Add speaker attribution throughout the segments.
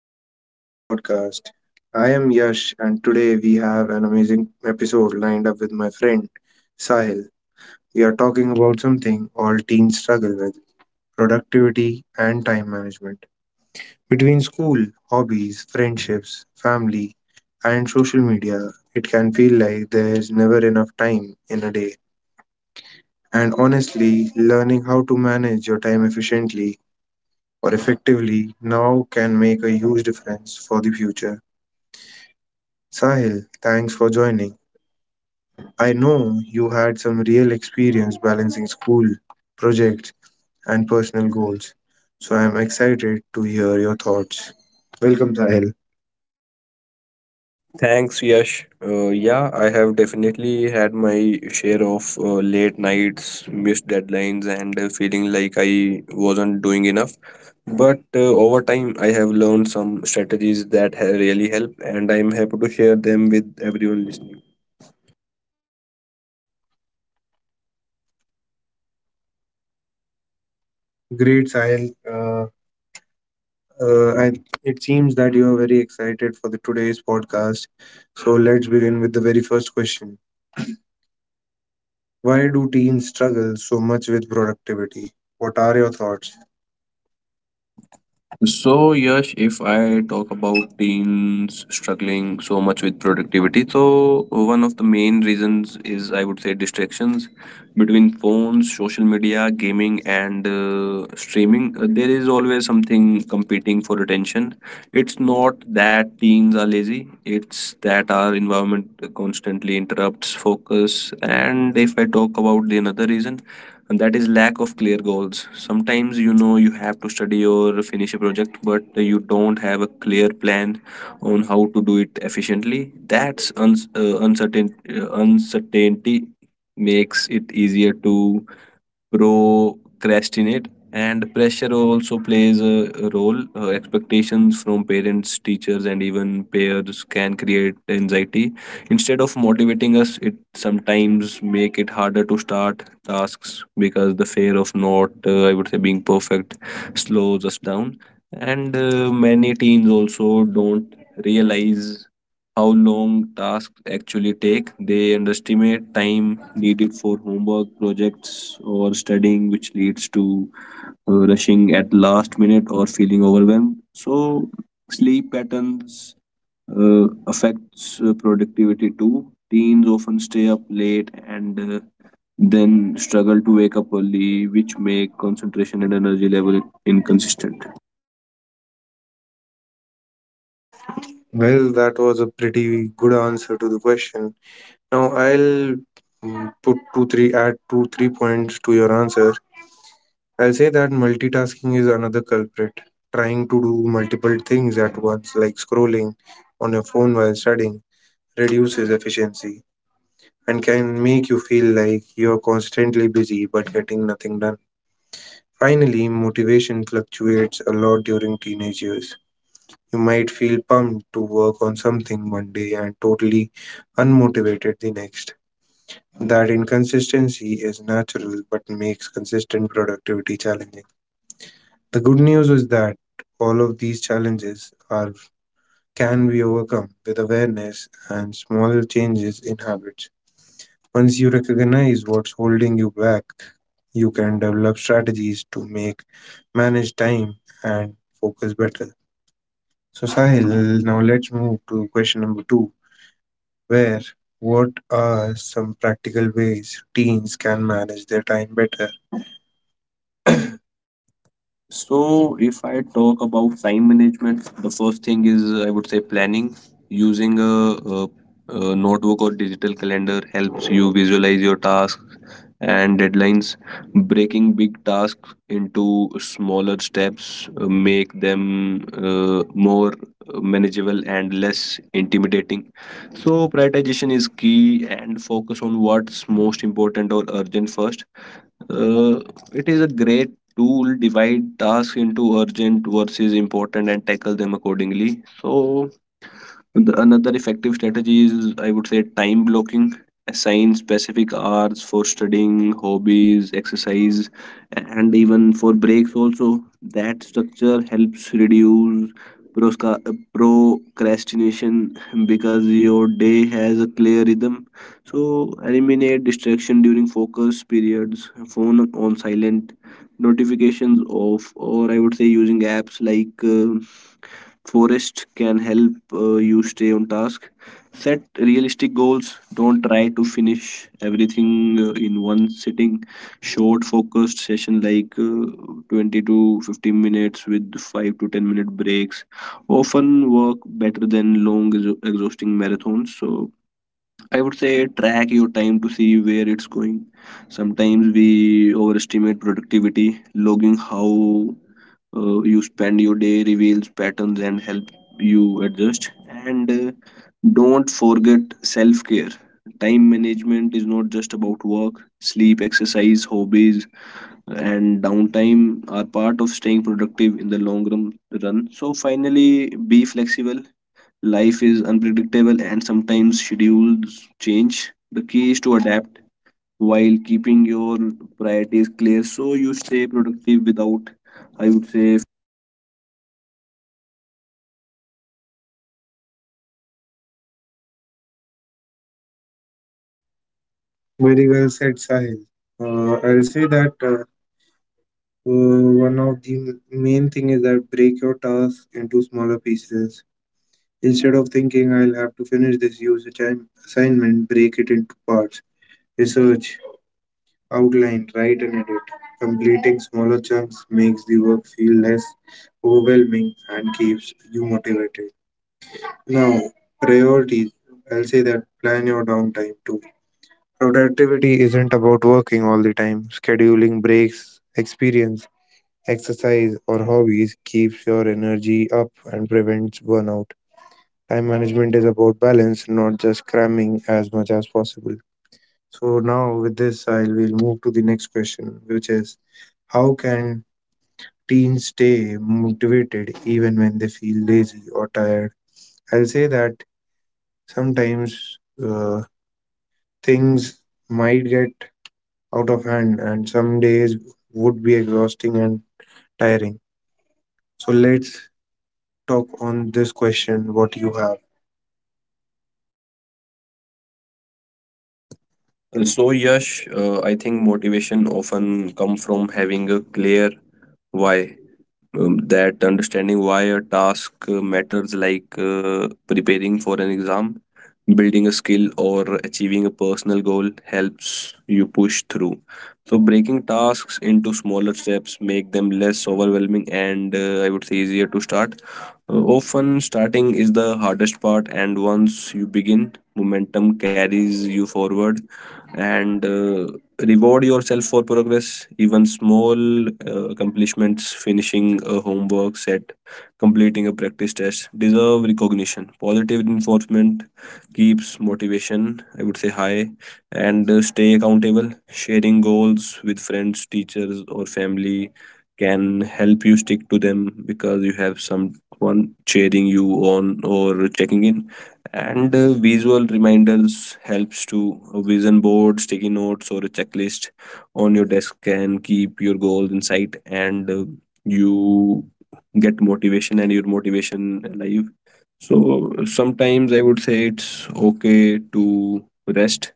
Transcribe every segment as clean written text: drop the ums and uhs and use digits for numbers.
Speaker 1: welcome back to the podcast. I am Yash, and today we have an amazing episode lined up with my friend Sahil. We are talking about something all teens struggle with: productivity and time management. Between school, hobbies, friendships, family, and social media, it can feel like there is never enough time in a day. And honestly, learning how to manage your time efficiently or effectively now can make a huge difference for the future. Sahil, thanks for joining. I know you had some real experience balancing school, projects, and personal goals, so I'm excited to hear your thoughts. Welcome, Sahil.
Speaker 2: Thanks, Yash. Yeah, I have definitely had my share of late nights, missed deadlines, and feeling like I wasn't doing enough. But over time, I have learned some strategies that really help, and I'm happy to share them with everyone listening.
Speaker 1: Great, Sahil. Uh, I, it seems that you are very excited for the today's podcast. So let's begin with the very first question. Why do teens struggle so much with productivity? What are your thoughts?
Speaker 2: So, Yash, if I talk about teens struggling so much with productivity, so one of the main reasons is, I would say, distractions between phones, social media, gaming, and streaming. There is always something competing for attention. It's not that teens are lazy, it's that our environment constantly interrupts focus. And if I talk about the another reason, and that is lack of clear goals. Sometimes you know you have to study or finish a project but you don't have a clear plan on how to do it efficiently. That's uns uncertain uncertainty makes it easier to procrastinate, and pressure also plays a role. Expectations from parents, teachers, and even peers can create anxiety. Instead of motivating us, it sometimes make it harder to start tasks, because the fear of not I would say being perfect slows us down. And many teens also don't realize how long tasks actually take. They underestimate time needed for homework, projects, or studying, which leads to rushing at last minute or feeling overwhelmed. So, sleep patterns affects productivity too. Teens often stay up late and then struggle to wake up early, which make concentration and energy level inconsistent.
Speaker 1: Well, that was a pretty good answer to the question. Now I'll put two three points to your answer. I'll say that multitasking is another culprit. Trying to do multiple things at once, like scrolling on your phone while studying, reduces efficiency and can make you feel like you're constantly busy but getting nothing done. Finally, motivation fluctuates a lot during teenage years. You might feel pumped to work on something one day and totally unmotivated the next. That inconsistency is natural, but makes consistent productivity challenging. The good news is that all of these challenges are can be overcome with awareness and small changes in habits. Once you recognize what's holding you back, you can develop strategies to make manage time and focus better. So Sahil, now let's move to question number two, where what are some practical ways teens can manage their time better?
Speaker 2: So, if I talk about time management, the first thing is, I would say, planning. Using a, a notebook or digital calendar helps you visualize your tasks and deadlines. Breaking big tasks into smaller steps make them more manageable and less intimidating. So, prioritization is key, and focus on what's most important or urgent first. uh, it is a great tool. Divide tasks into urgent versus important and tackle them accordingly. So another effective strategy is, I would say, time blocking. Assign specific hours for studying, hobbies, exercise, and even for breaks also. That structure helps reduce prosca- procrastination because your day has a clear rhythm. So eliminate distraction during focus periods, phone on silent, notifications off, or I would say using apps like Forest can help you stay on task. Set realistic goals. Don't try to finish everything in one sitting. Short, focused session like 20 to 15 minutes with 5 to 10 minute breaks often work better than long, exhausting marathons. So, I would say track your time to see where it's going. Sometimes we overestimate productivity. Logging how you spend your day reveals patterns and help you adjust. And don't forget self care. Time management is not just about work. Sleep, exercise, hobbies, and downtime are part of staying productive in the long run. So finally, be flexible. Life is unpredictable and sometimes schedules change. The key is to adapt while keeping your priorities clear, so you stay productive without, I would say.
Speaker 1: Very well said, Sahil. I'll say that one of the main thing is that break your task into smaller pieces. Instead of thinking I'll have to finish this usage assignment, break it into parts. Research, outline, write and edit. Completing smaller chunks makes the work feel less overwhelming and keeps you motivated. Now, priorities. I'll say that plan your downtime too. Productivity isn't about working all the time. Scheduling breaks, experience, exercise, or hobbies keeps your energy up and prevents burnout. Time management is about balance, not just cramming as much as possible. So, now with this, I will move to the next question, which is how can teens stay motivated even when they feel lazy or tired? I'll say that sometimes things might get out of hand, and some days would be exhausting and tiring. So let's talk on this question what you have.
Speaker 2: So Yash, I think motivation often come from having a clear why. That understanding why a task matters, like preparing for an exam, building a skill, or achieving a personal goal, helps you push through. So breaking tasks into smaller steps make them less overwhelming and I would say easier to start. Often starting is the hardest part, and once you begin, momentum carries you forward. And reward yourself for progress, even small accomplishments. Finishing a homework set, completing a practice test, deserve recognition. Positive reinforcement keeps motivation, I would say, high. And stay accountable. Sharing goals with friends, teachers, or family can help you stick to them, because you have someone cheering you on or checking in. And visual reminders helps. To a vision board, sticky notes, or a checklist on your desk can keep your goals in sight, and you get motivation and your motivation alive. So sometimes I would say it's okay to rest.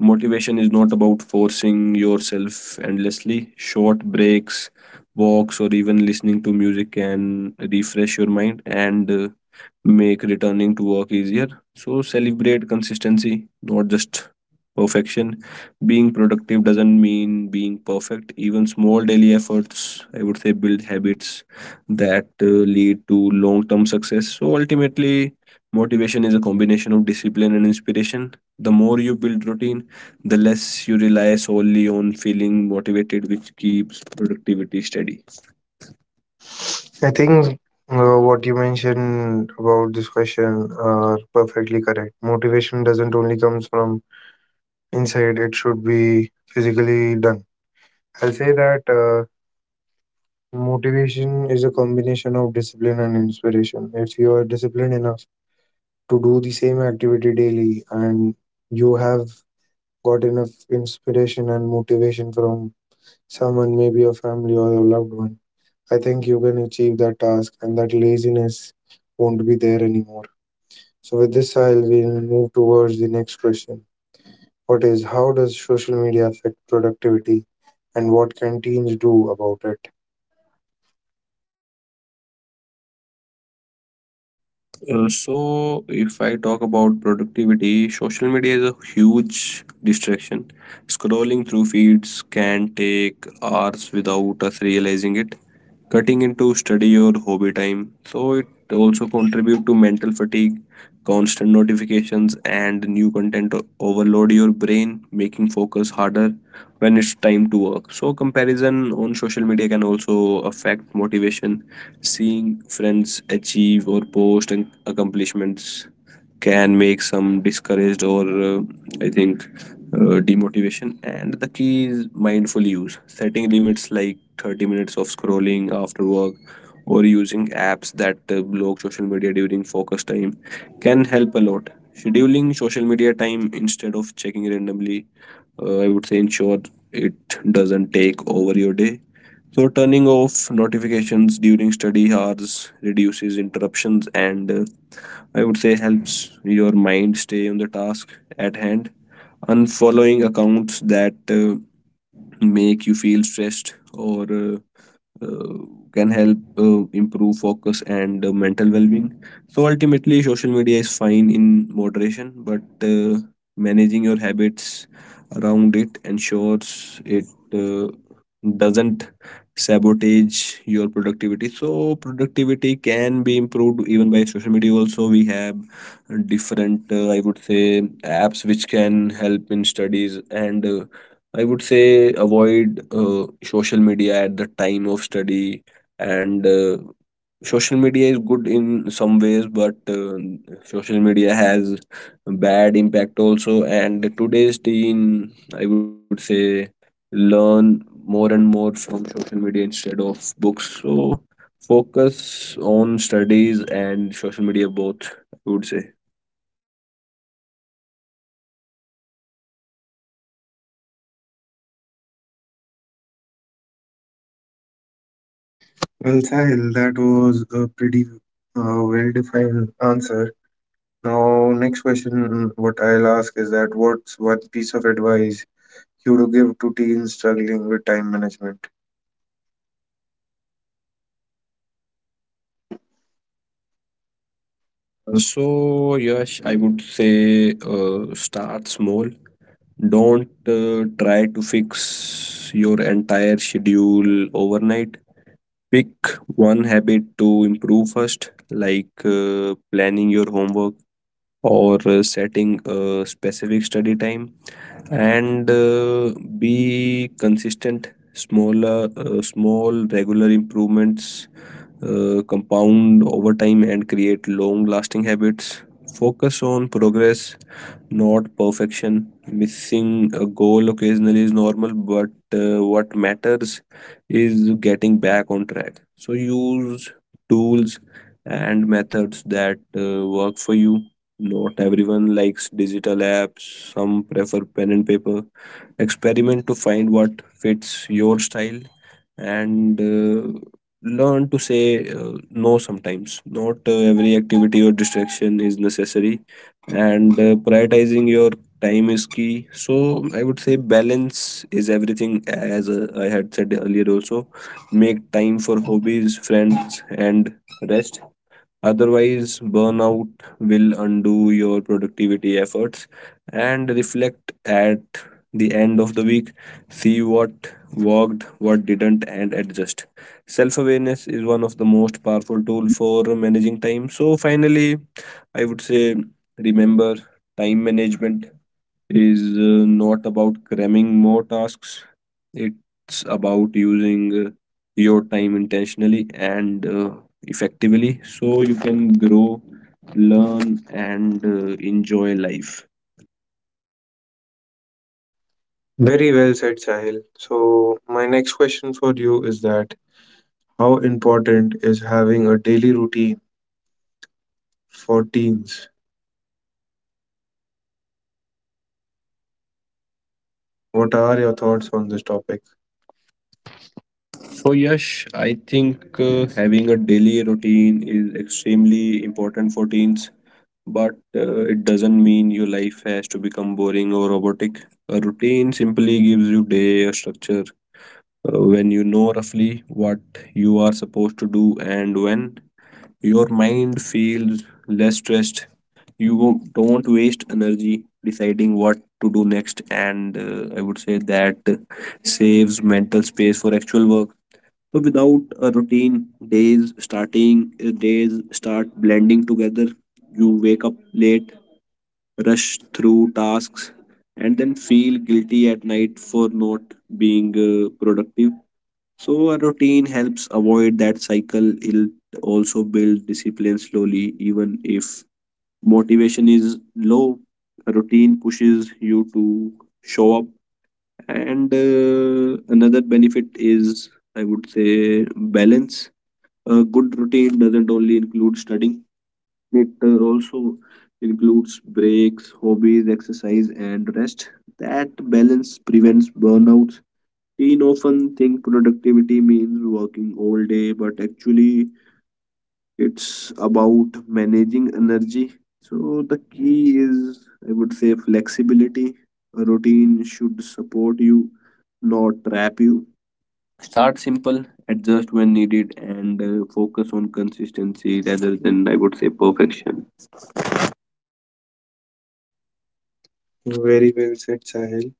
Speaker 2: Motivation is not about forcing yourself endlessly. Short breaks, walks, or even listening to music can refresh your mind and make returning to work easier. So, celebrate consistency, not just perfection. Being productive doesn't mean being perfect. Even small daily efforts, I would say, build habits that lead to long term success. So, ultimately, motivation is a combination of discipline and inspiration. The more you build routine, the less you rely solely on feeling motivated, which keeps productivity steady.
Speaker 1: I think what you mentioned about this question are perfectly correct. Motivation doesn't only comes from inside, it should be physically done. I'll say that motivation is a combination of discipline and inspiration. If you are disciplined enough to do the same activity daily and you have got enough inspiration and motivation from someone, maybe your family or your loved one, I think you can achieve that task and that laziness won't be there anymore. So, with this, I'll we'll move towards the next question. What is how does social media affect productivity and what can teens do about it?
Speaker 2: So, if I talk about productivity, social media is a huge distraction. Scrolling through feeds can take hours without us realizing it, cutting into study or hobby time. So, it also contribute to mental fatigue. Constant notifications and new content overload your brain, making focus harder when it's time to work. So, comparison on social media can also affect motivation. Seeing friends achieve or post accomplishments can make some discouraged or I think demotivation. And the key is mindful use, setting limits like 30 minutes of scrolling after work or using apps that block social media during focus time can help a lot. Scheduling social media time instead of checking randomly, I would say ensure it doesn't take over your day. So turning off notifications during study hours reduces interruptions, and I would say helps your mind stay on the task at hand. Unfollowing accounts that make you feel stressed or uh, can help improve focus and mental well-being. So ultimately social media is fine in moderation, but uh, managing your habits around it ensures it uh, doesn't sabotage your productivity. So productivity can be improved even by social media also. We have different I would say apps which can help in studies, and I would say avoid social media at the time of study, and social media is good in some ways, but social media has bad impact also. And today's teen, I would say, learn more and more from social media instead of books. So focus on studies and social media both, I would say.
Speaker 1: Well, Sahil, that was a pretty well-defined answer. Now, next question, what I'll ask is that what's one piece of advice you to give to teens struggling with time management. Yes.
Speaker 2: So yes, I would say start small. Don't try to fix your entire schedule overnight. Pick one habit to improve first, like planning your homework or setting a specific study time, and be consistent. Small, regular improvements compound over time and create long-lasting habits. Focus on progress, not perfection. Missing a goal occasionally is normal, but what matters is getting back on track. So use tools and methods that work for you. Not everyone likes digital apps, some prefer pen and paper. Experiment to find what fits your style, and learn to say no sometimes. Not every activity or distraction is necessary, and prioritizing your time is key. So I would say balance is everything. As I had said earlier also, make time for hobbies, friends, and rest. Otherwise, burnout will undo your productivity efforts. And reflect at the end of the week. See what worked, what didn't, and adjust. Self awareness is one of the most powerful tools for managing time. So, finally, I would say remember time management is not about cramming more tasks. It's about using your time intentionally and effectively, so you can grow, learn, and enjoy life.
Speaker 1: Very well said, Sahil. So, my next question for you is that how important is having a daily routine for teens? What are your thoughts on this topic?
Speaker 2: So, Yash, I think having a daily routine is extremely important for teens, but it doesn't mean your life has to become boring or robotic. A routine simply gives you day a structure. When you know roughly what you are supposed to do and when, your mind feels less stressed. You don't waste energy deciding what to do next, and I would say that saves mental space for actual work. So without a routine, days start blending together. You wake up late, rush through tasks, and then feel guilty at night for not being productive. So a routine helps avoid that cycle. It also builds discipline slowly. Even if motivation is low, a routine pushes you to show up. And another benefit is, I would say, balance. A good routine doesn't only include studying; it also includes breaks, hobbies, exercise, and rest. That balance prevents burnout. Teen often think productivity means working all day, but actually it's about managing energy. So the key is, I would say, flexibility. A routine should support you, not trap you. Start simple, adjust when needed, and focus on consistency rather than, I would say, perfection.
Speaker 1: Very well said, Sahil.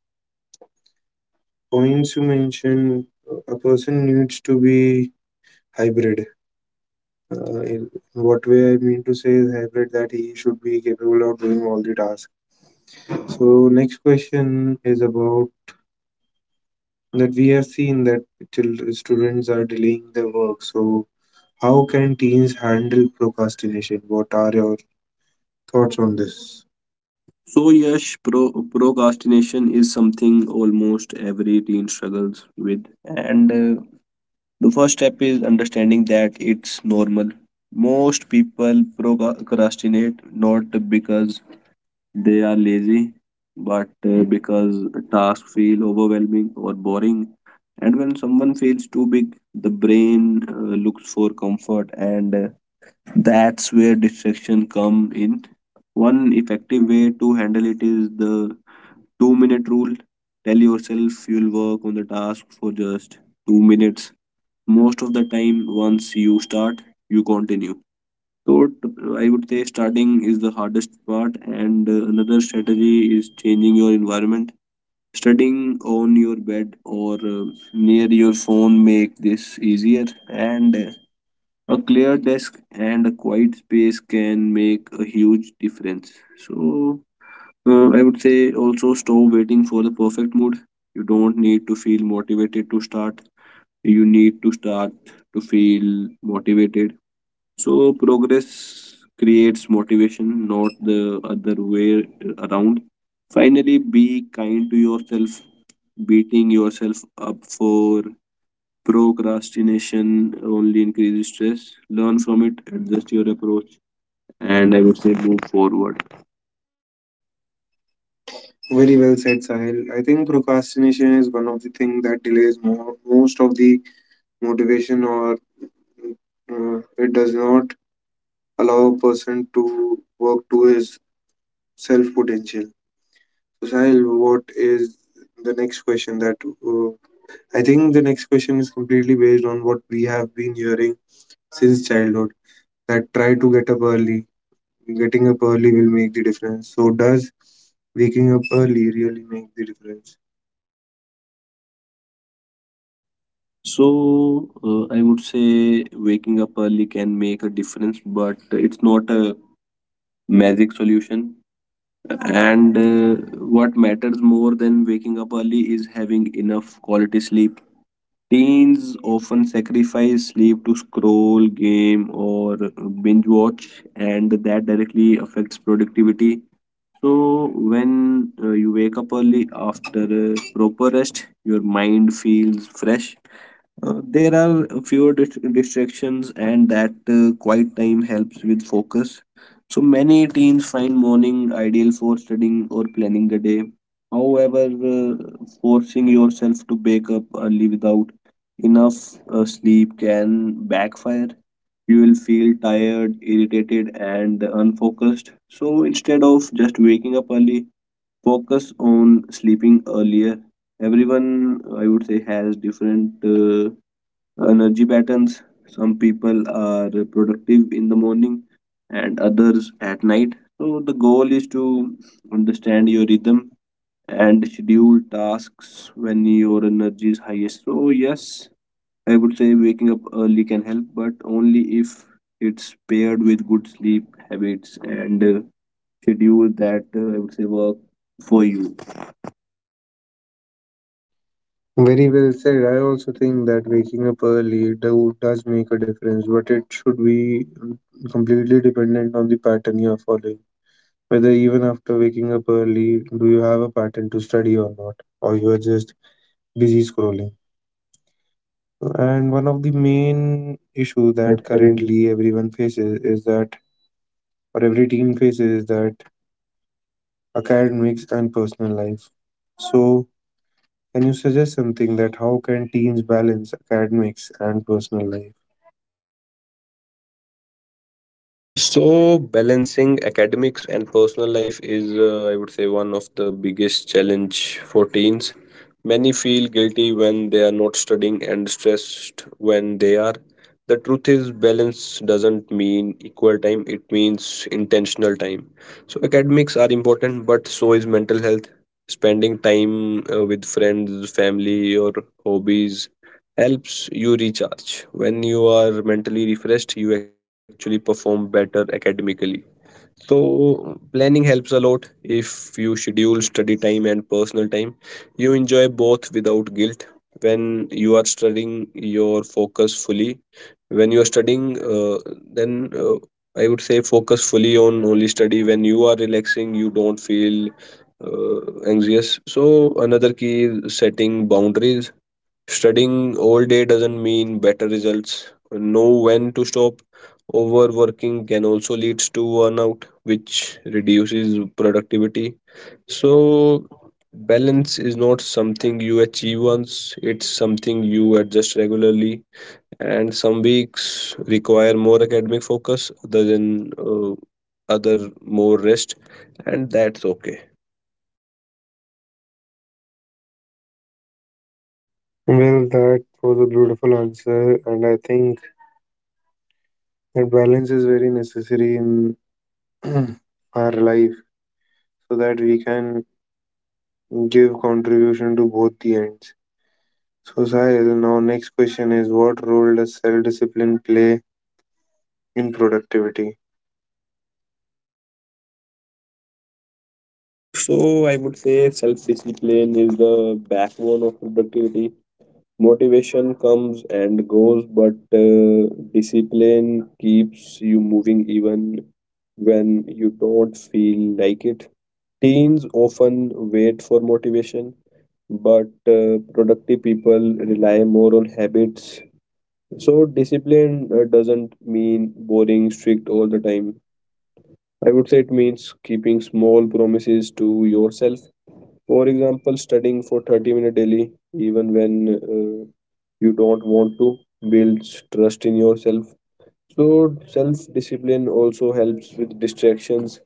Speaker 1: Points you mentioned, a person needs to be hybrid. In what way I mean to say is hybrid that he should be capable of doing all the tasks. So, next question is about that we have seen that children, students are delaying their work. So, how can teens handle procrastination? What are your thoughts on this?
Speaker 2: So, yes, procrastination is something almost every teen struggles with, and the first step is understanding that it's normal. Most people procrastinate not because they are lazy, but because tasks feel overwhelming or boring. And when someone feels too big, the brain looks for comfort, and that's where distraction come in. One effective way to handle it is the 2 minute rule. Tell yourself you'll work on the task for just 2 minutes. Most of the time, once you start, you continue. So t- i would say starting is the hardest part, and another strategy is changing your environment. Studying on your bed or near your phone make this easier, and a clear desk and a quiet space can make a huge difference. So uh, i would say also stop waiting for the perfect mood. You don't need to feel motivated to start. You need to start to feel motivated. So progress creates motivation, not the other way around. Finally, be kind to yourself. Beating yourself up for procrastination only increases stress. Learn from it, adjust your approach, and I would say move forward.
Speaker 1: Very well said, Sahil. I think procrastination is one of the things that delays most of the motivation, or it does not allow a person to work to his self potential. So, Sahil, what is the next question that uh, I think the next question is completely based on what we have been hearing since childhood that try to get up early. Getting up early will make the difference. So does waking up early really make the difference?
Speaker 2: I would say waking up early can make a difference, but it's not a magic solution. And what matters more than waking up early is having enough quality sleep. Teens often sacrifice sleep to scroll, game, or binge watch, and that directly affects productivity. So, when you wake up early after proper rest, your mind feels fresh. There are fewer distractions, and that quiet time helps with focus. So many teens find morning ideal for studying or planning the day. However, forcing yourself to wake up early without enough sleep can backfire. You will feel tired, irritated, and unfocused. So instead of just waking up early, focus on sleeping earlier. Everyone, I would say, has different energy patterns. Some people are productive in the morning and others at night. So, the goal is to understand your rhythm and schedule tasks when your energy is highest. So, yes, I would say waking up early can help, but only if it's paired with good sleep habits and schedule that I would say work for you.
Speaker 1: Very well said. I also think that waking up early does make a difference, but it should be completely dependent on the pattern you are following. Whether even after waking up early, do you have a pattern to study or not, or you are just busy scrolling. And one of the main issue
Speaker 2: Issue that
Speaker 1: that
Speaker 2: currently
Speaker 1: currently everyone faces is that, or every team faces is that academics, and personal life. So, can you suggest something that how can teens balance academics and personal life?
Speaker 2: So, balancing academics and personal life is, I would say, one of the biggest challenge for teens. Many feel guilty when they are not studying and stressed when they are. The truth is, balance doesn't mean equal time, it means intentional time. So, academics are important, but so is mental health. Spending time with friends, family, or hobbies helps you recharge. When you are mentally refreshed, you actually perform better academically. So, planning helps a lot. If you schedule study time and personal time, you enjoy both without guilt. When you are studying, your focus fully. When you are studying, then I would say focus fully on only study. When you are relaxing, you don't feel anxious. So, another key is setting boundaries. Studying all day doesn't mean better results. Know when to stop. Overworking can also lead to burnout, which reduces productivity. So, balance is not something you achieve once, it's something you adjust regularly. And some weeks require more academic focus, other than other more rest, and that's okay.
Speaker 1: Well, that was a beautiful answer, and I think that balance is very necessary in our life so that we can give contribution to both the ends. So, Sahil, now next question is what role does self discipline play in productivity?
Speaker 2: So I would say self discipline is the backbone of productivity. Motivation comes and goes, but discipline keeps you moving even when you don't feel like it. Teens often wait for motivation, but productive people rely more on habits. So, discipline doesn't mean boring strict all the time. I would say it means keeping small promises to yourself. For example, studying for 30 minutes daily, even when you don't want to, builds trust in yourself. So, self discipline also helps with distractions.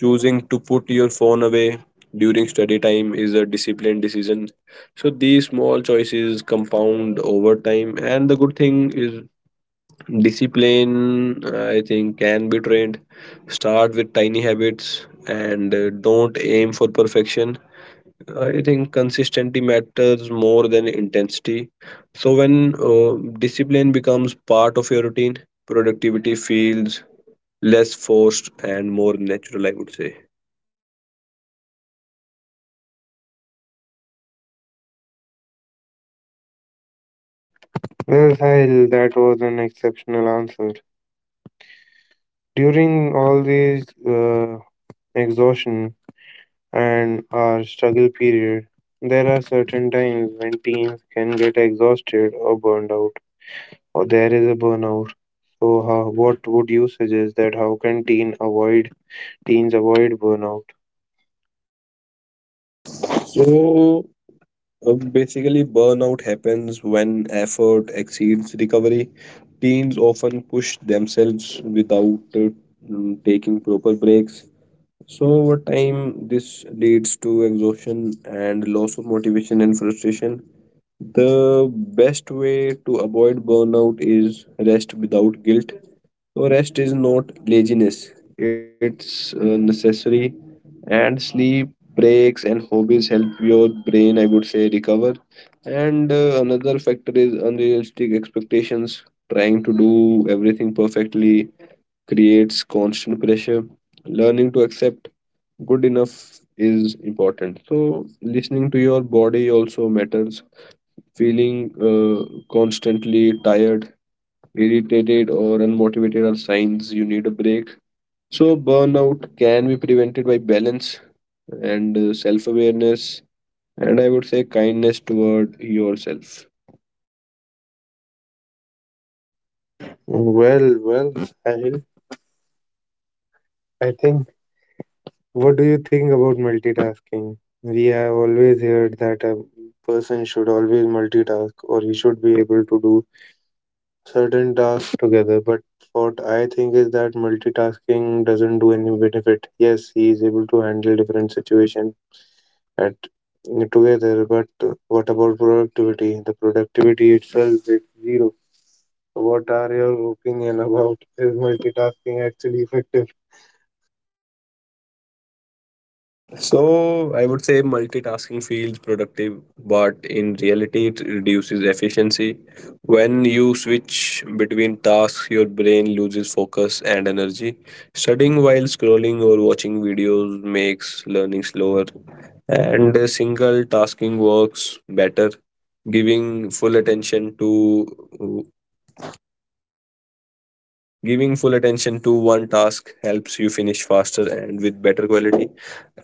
Speaker 2: Choosing to put your phone away during study time is a disciplined decision. So, these small choices compound over time. And the good thing is, discipline, I think, can be trained. Start with tiny habits, and don't aim for perfection. I think consistency matters more than intensity. So when discipline becomes part of your routine, productivity feels less forced and more natural, I would say.
Speaker 1: Well, Sahil, that was an exceptional answer. During all these exhaustion, and our struggle period. There are certain times when teens can get exhausted or burned out, or there is a burnout. So, how, what would you suggest that how can teens avoid burnout?
Speaker 2: So basically, burnout happens when effort exceeds recovery. Teens often push themselves without taking proper breaks. So over time, this leads to exhaustion and loss of motivation and frustration. The best way to avoid burnout is rest without guilt. So, rest is not laziness, it's necessary. And sleep, breaks, and hobbies help your brain, I would say, recover. And another factor is unrealistic expectations. Trying to do everything perfectly creates constant pressure. Learning to accept good enough is important. So, listening to your body also matters. Feeling uh, constantly tired, irritated, or unmotivated are signs you need a break. So, burnout can be prevented by balance and self awareness, and I would say kindness toward yourself.
Speaker 1: Well, well, Sahil, I think. What do you think about multitasking? We have always heard that a person should always multitask, or he should be able to do certain tasks together. But what I think is that multitasking doesn't do any benefit. Yes, he is able to handle different situation at together. But what about productivity? The productivity itself is zero. So, what are your opinion about is multitasking actually effective?
Speaker 2: So I would say multitasking feels productive, but in reality, it reduces efficiency. When you switch between tasks, your brain loses focus and energy. Studying while scrolling or watching videos makes learning slower, and a single tasking works better. Giving full attention to Giving full attention to one task helps you finish faster and with better quality.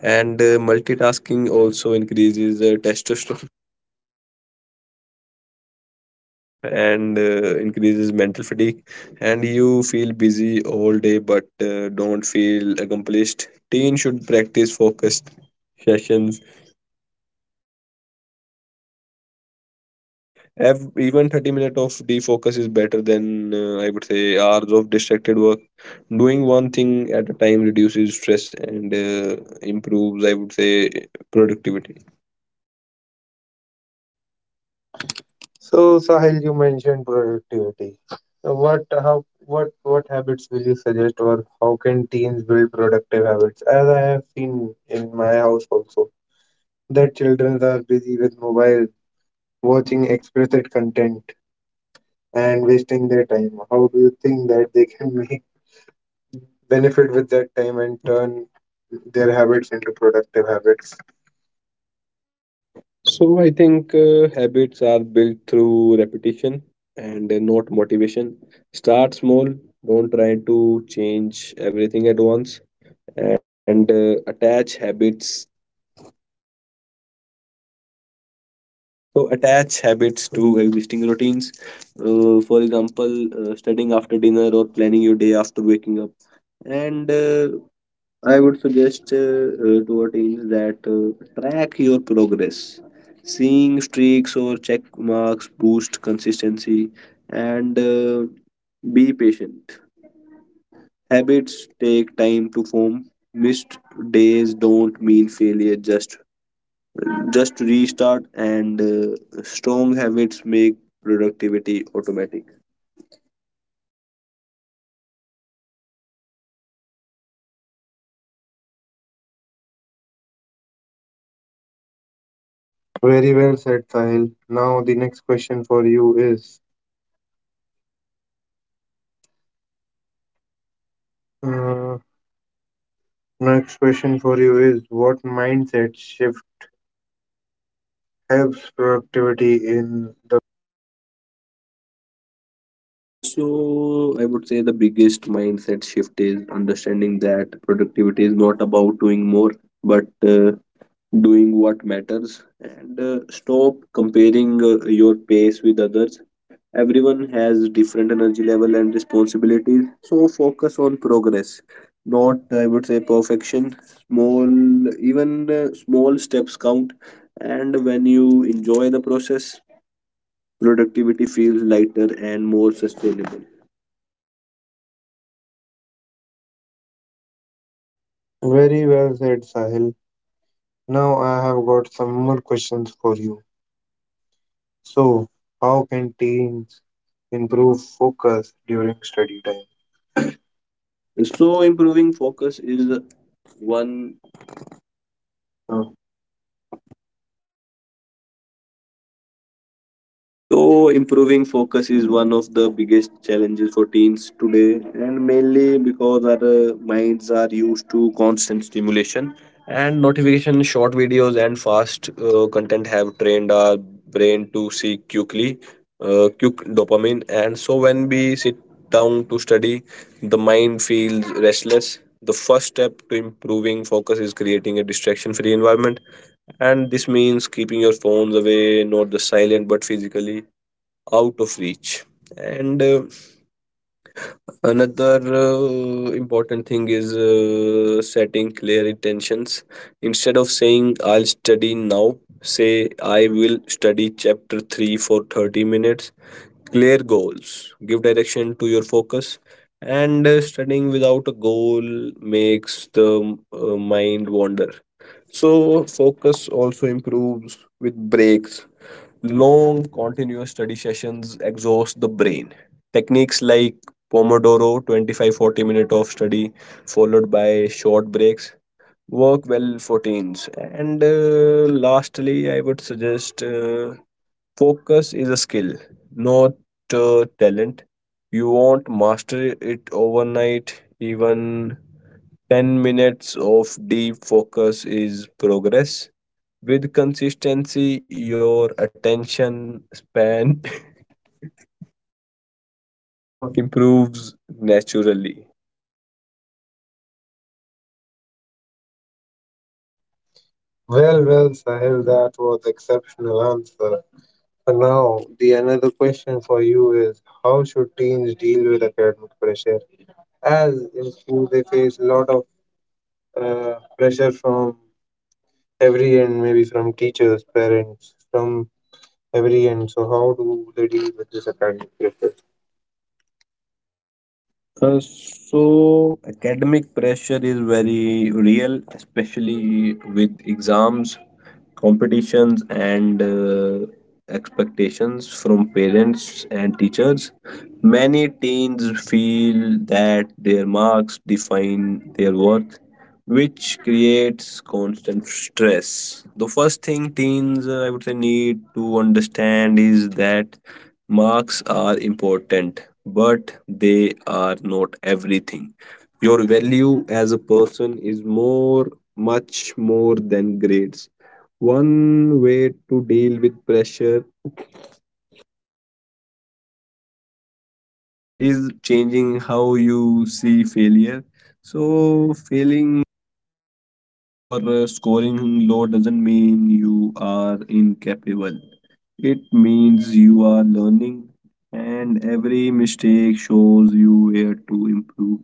Speaker 2: And multitasking also increases testosterone and increases mental fatigue. And you feel busy all day but don't feel accomplished. Teens should practice focused sessions. Even 30 minutes of defocus is better than I would say hours of distracted work. Doing one thing at a time reduces stress and improves, I would say, productivity.
Speaker 1: So Sahil, you mentioned productivity. So, What how what habits will you suggest, or how can teens build productive habits? As I have seen in my house also that children are busy with mobile, watching explicit content and wasting their time. How do you think that they can make benefit with that time and turn their habits into productive habits?
Speaker 2: So I think habits are built through repetition and not motivation. Start small, don't try to change everything at once, and attach habits So attach habits to existing routines. For example, studying after dinner or planning your day after waking up. And I would suggest to our teens that track your progress. Seeing streaks or check marks boost consistency, and be patient. Habits take time to form. Missed days don't mean failure, just restart, and strong habits make productivity automatic.
Speaker 1: Very well said, Sahil. Now the next question for you is uh, next question for you is what mindset shift helps productivity in the
Speaker 2: So I would say the biggest mindset shift is understanding that productivity is not about doing more, but doing what matters, and stop comparing your pace with others. Everyone has different energy level and responsibilities, so focus on progress, not I would say perfection. Small, even small steps count, and when you enjoy the process, productivity feels lighter and more sustainable.
Speaker 1: very well said, Sahil. Now I have got some more questions for you. So, how can teens improve focus during study time?
Speaker 2: So improving
Speaker 1: Well,
Speaker 2: focus is one uh, So, improving focus is one of the biggest challenges for teens today, and mainly because our minds are used to constant stimulation and notification. Short videos and fast content have trained our brain to seek quickly, quick dopamine. And so, when we sit down to study, the mind feels restless. The first step to improving focus is creating a distraction free environment, and this means keeping your phones away, not the silent but physically out of reach. And another important thing is setting clear intentions. Instead of saying "I'll study now," say "I will study chapter 3 for 30 minutes." Clear goals give direction to your focus, and studying without a goal makes the mind wander. So focus also improves with breaks. Long, continuous study sessions exhaust the brain. Techniques like Pomodoro, 25 40 minute of study, followed by short breaks, work well for teens. And lastly, I would suggest focus is a skill, not talent. You won't master it overnight. Even 10 minutes of deep focus is progress. With consistency, your attention span improves naturally.
Speaker 1: well, Sahil, that was exceptional answer. And now, the another question for you is, how should teens deal with academic pressure? As in school, they face a lot of pressure from every end, maybe from teachers, parents, from every end. So, how do they deal with this academic pressure?
Speaker 2: So academic pressure is very real, especially with exams, competitions, and expectations from parents and teachers. Many teens feel that their marks define their worth, which creates constant stress. The first thing teens, I would say, need to understand is that marks are important but they are not everything. Your value as a person is much more than grades. One way to deal with pressure i- is changing how you see failure. So, failing or scoring low doesn't mean you are incapable. It means you are learning, and every mistake shows you where to improve.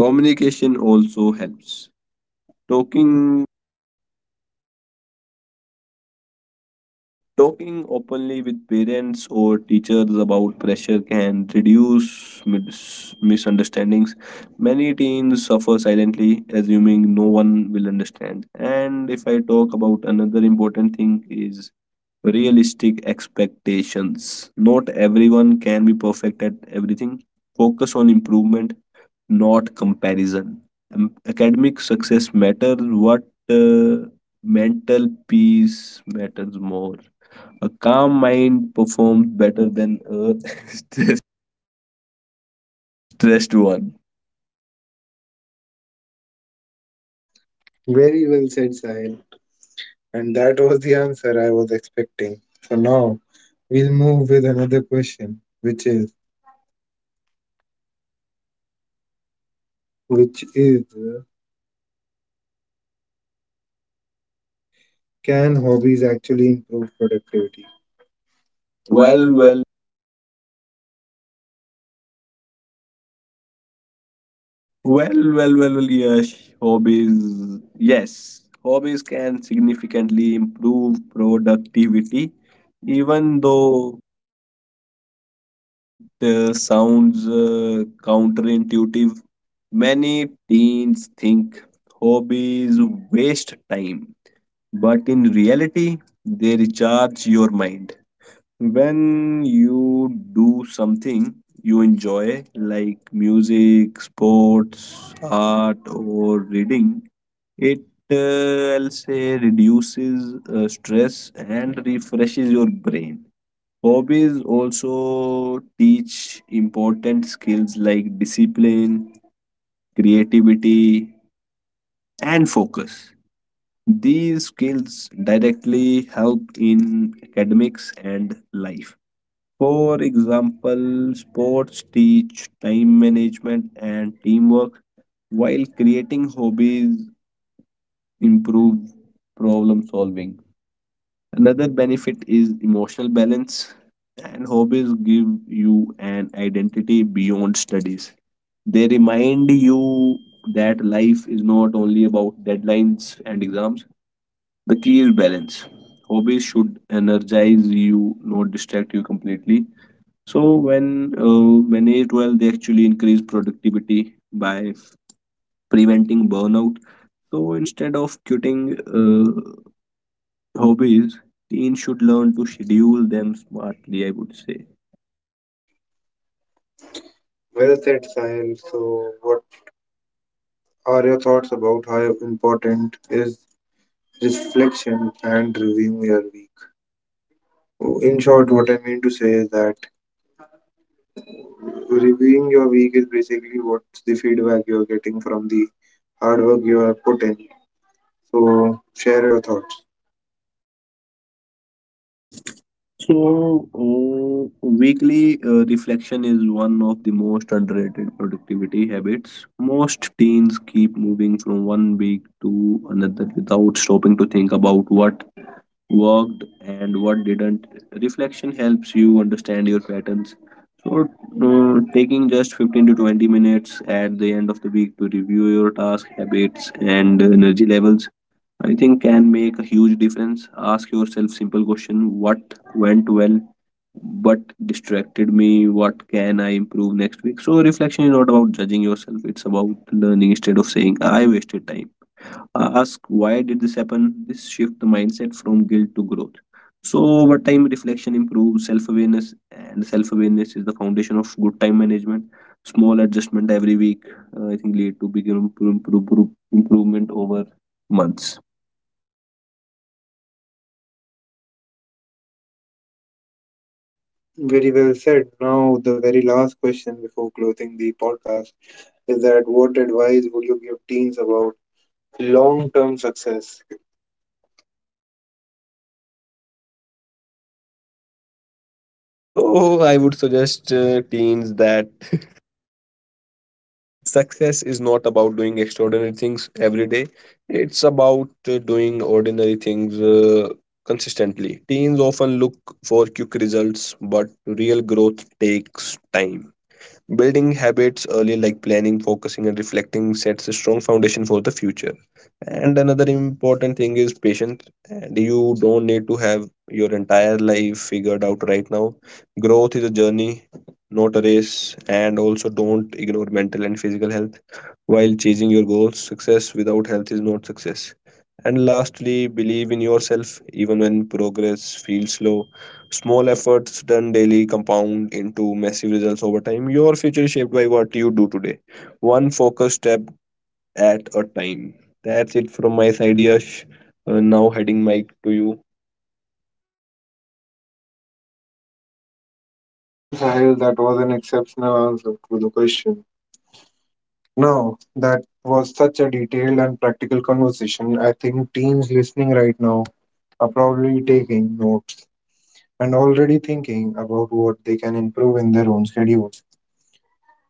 Speaker 2: Communication also helps. Talking Talking openly with parents or teachers about pressure can reduce misunderstandings. Many teens suffer silently, assuming no one will understand. And if I talk about another important thing, is realistic expectations. Not everyone can be perfect at everything. Focus on improvement, not comparison. Academic success matters, what uh, mental peace matters more. A calm mind performs better than a stress- stressed one.
Speaker 1: Very well said, Sahil. And that was the answer I was expecting. So now we'll move with another question, which is which is uh, can hobbies actually improve productivity? Well,
Speaker 2: Well,
Speaker 1: well.
Speaker 2: well, well, well, well, well, yes, hobbies. Yes, hobbies can significantly improve productivity, even though it sounds counterintuitive. Many teens think hobbies waste time, but in reality, they recharge your mind. When you do something you enjoy, like music, sports, art, or reading, it I'll say reduces stress and refreshes your brain. Hobbies also teach important skills like discipline, creativity, and focus. These skills directly help in academics and life. For example, sports teach time management and teamwork, while creating hobbies improve problem solving. Another benefit is emotional balance, and hobbies give you an identity beyond studies. They remind you that life is not only about deadlines and exams. The key is balance. Hobbies should energize you, not distract you completely. So, when managed well, they actually increase productivity by preventing burnout. So, instead of quitting, hobbies, teens should learn to schedule them smartly, I would say.
Speaker 1: Well said, Sahil. So what are your thoughts about how important is reflection and reviewing your week? In
Speaker 2: In
Speaker 1: short,
Speaker 2: short, what?
Speaker 1: what I mean to say is that reviewing your week is basically what's the feedback you're getting from the hard work you have put in. So share your thoughts.
Speaker 2: So, weekly reflection is one of the most underrated productivity habits. Most teens keep moving from one week to another without stopping to think about what worked and what didn't. Reflection helps you understand your patterns. So, taking just 15 to 20 minutes at the end of the week to review your task habits and energy levels, I think can make a huge difference. Ask yourself simple question: what went well? What distracted me? What can I improve next week? So, reflection is not about judging yourself; it's about learning. Instead of saying "I wasted time," ask "why did this happen?" This shift the mindset from guilt to growth. So over time reflection improves self-awareness, and self-awareness is the foundation of good time management. Small adjustment every week, I think, lead to bigger improvement over months.
Speaker 1: Very well said. Now, the very last question before closing the podcast is that what advice would you give teens about long term success?
Speaker 2: So I would suggest teens that success is not about doing extraordinary things every day, it's about doing ordinary things consistently. Teens often look for quick results, but real growth takes time. Building habits early, like planning, focusing, and reflecting, sets a strong foundation for the future. And another important thing is patience. And you don't need to have your entire life figured out right now. Growth is a journey, not a race. And also, don't ignore mental and physical health while chasing your goals. Success without health is not success. And lastly, believe in yourself even when progress feels slow. Small efforts done daily compound into massive results over time. Your future is shaped by what you do today, one focused step at a time. That's it from my side, Yash. Now heading mic to you.
Speaker 1: Well, Sahil, that was an exceptional answer to the question. Now, that was such a detailed and practical conversation. I think teens listening right now are probably taking notes and already thinking about what they can improve in their own schedules.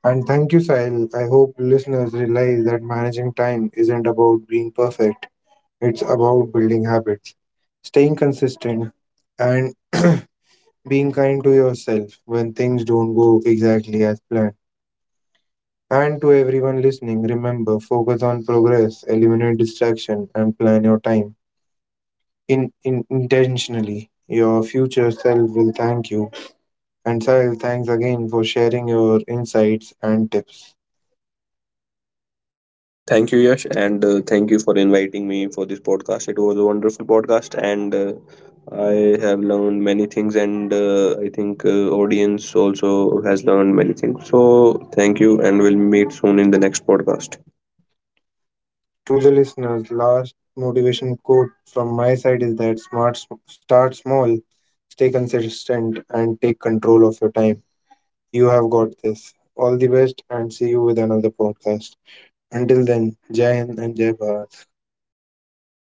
Speaker 1: And thank you, Sahil. I hope listeners realize that managing time isn't about being perfect. It's about building habits, staying consistent, and being kind to yourself when things don't go exactly as planned. And to everyone listening, remember focus on progress, eliminate distraction, and plan your time in intentionally. Your future self will thank you. And Sahil, thanks again for sharing your insights and tips.
Speaker 2: Thank you, Yash, and thank you for inviting me for this podcast. It was a wonderful podcast, and I have learned many things, and I think audience also has learned many things. So thank you, and we'll meet soon in the next podcast.
Speaker 1: To the listeners, last motivation quote from my side is that smart start small, stay consistent and take control of your time. You have got this. All the best and see you with another podcast. Until then, Jai Hind and Jai Bharat.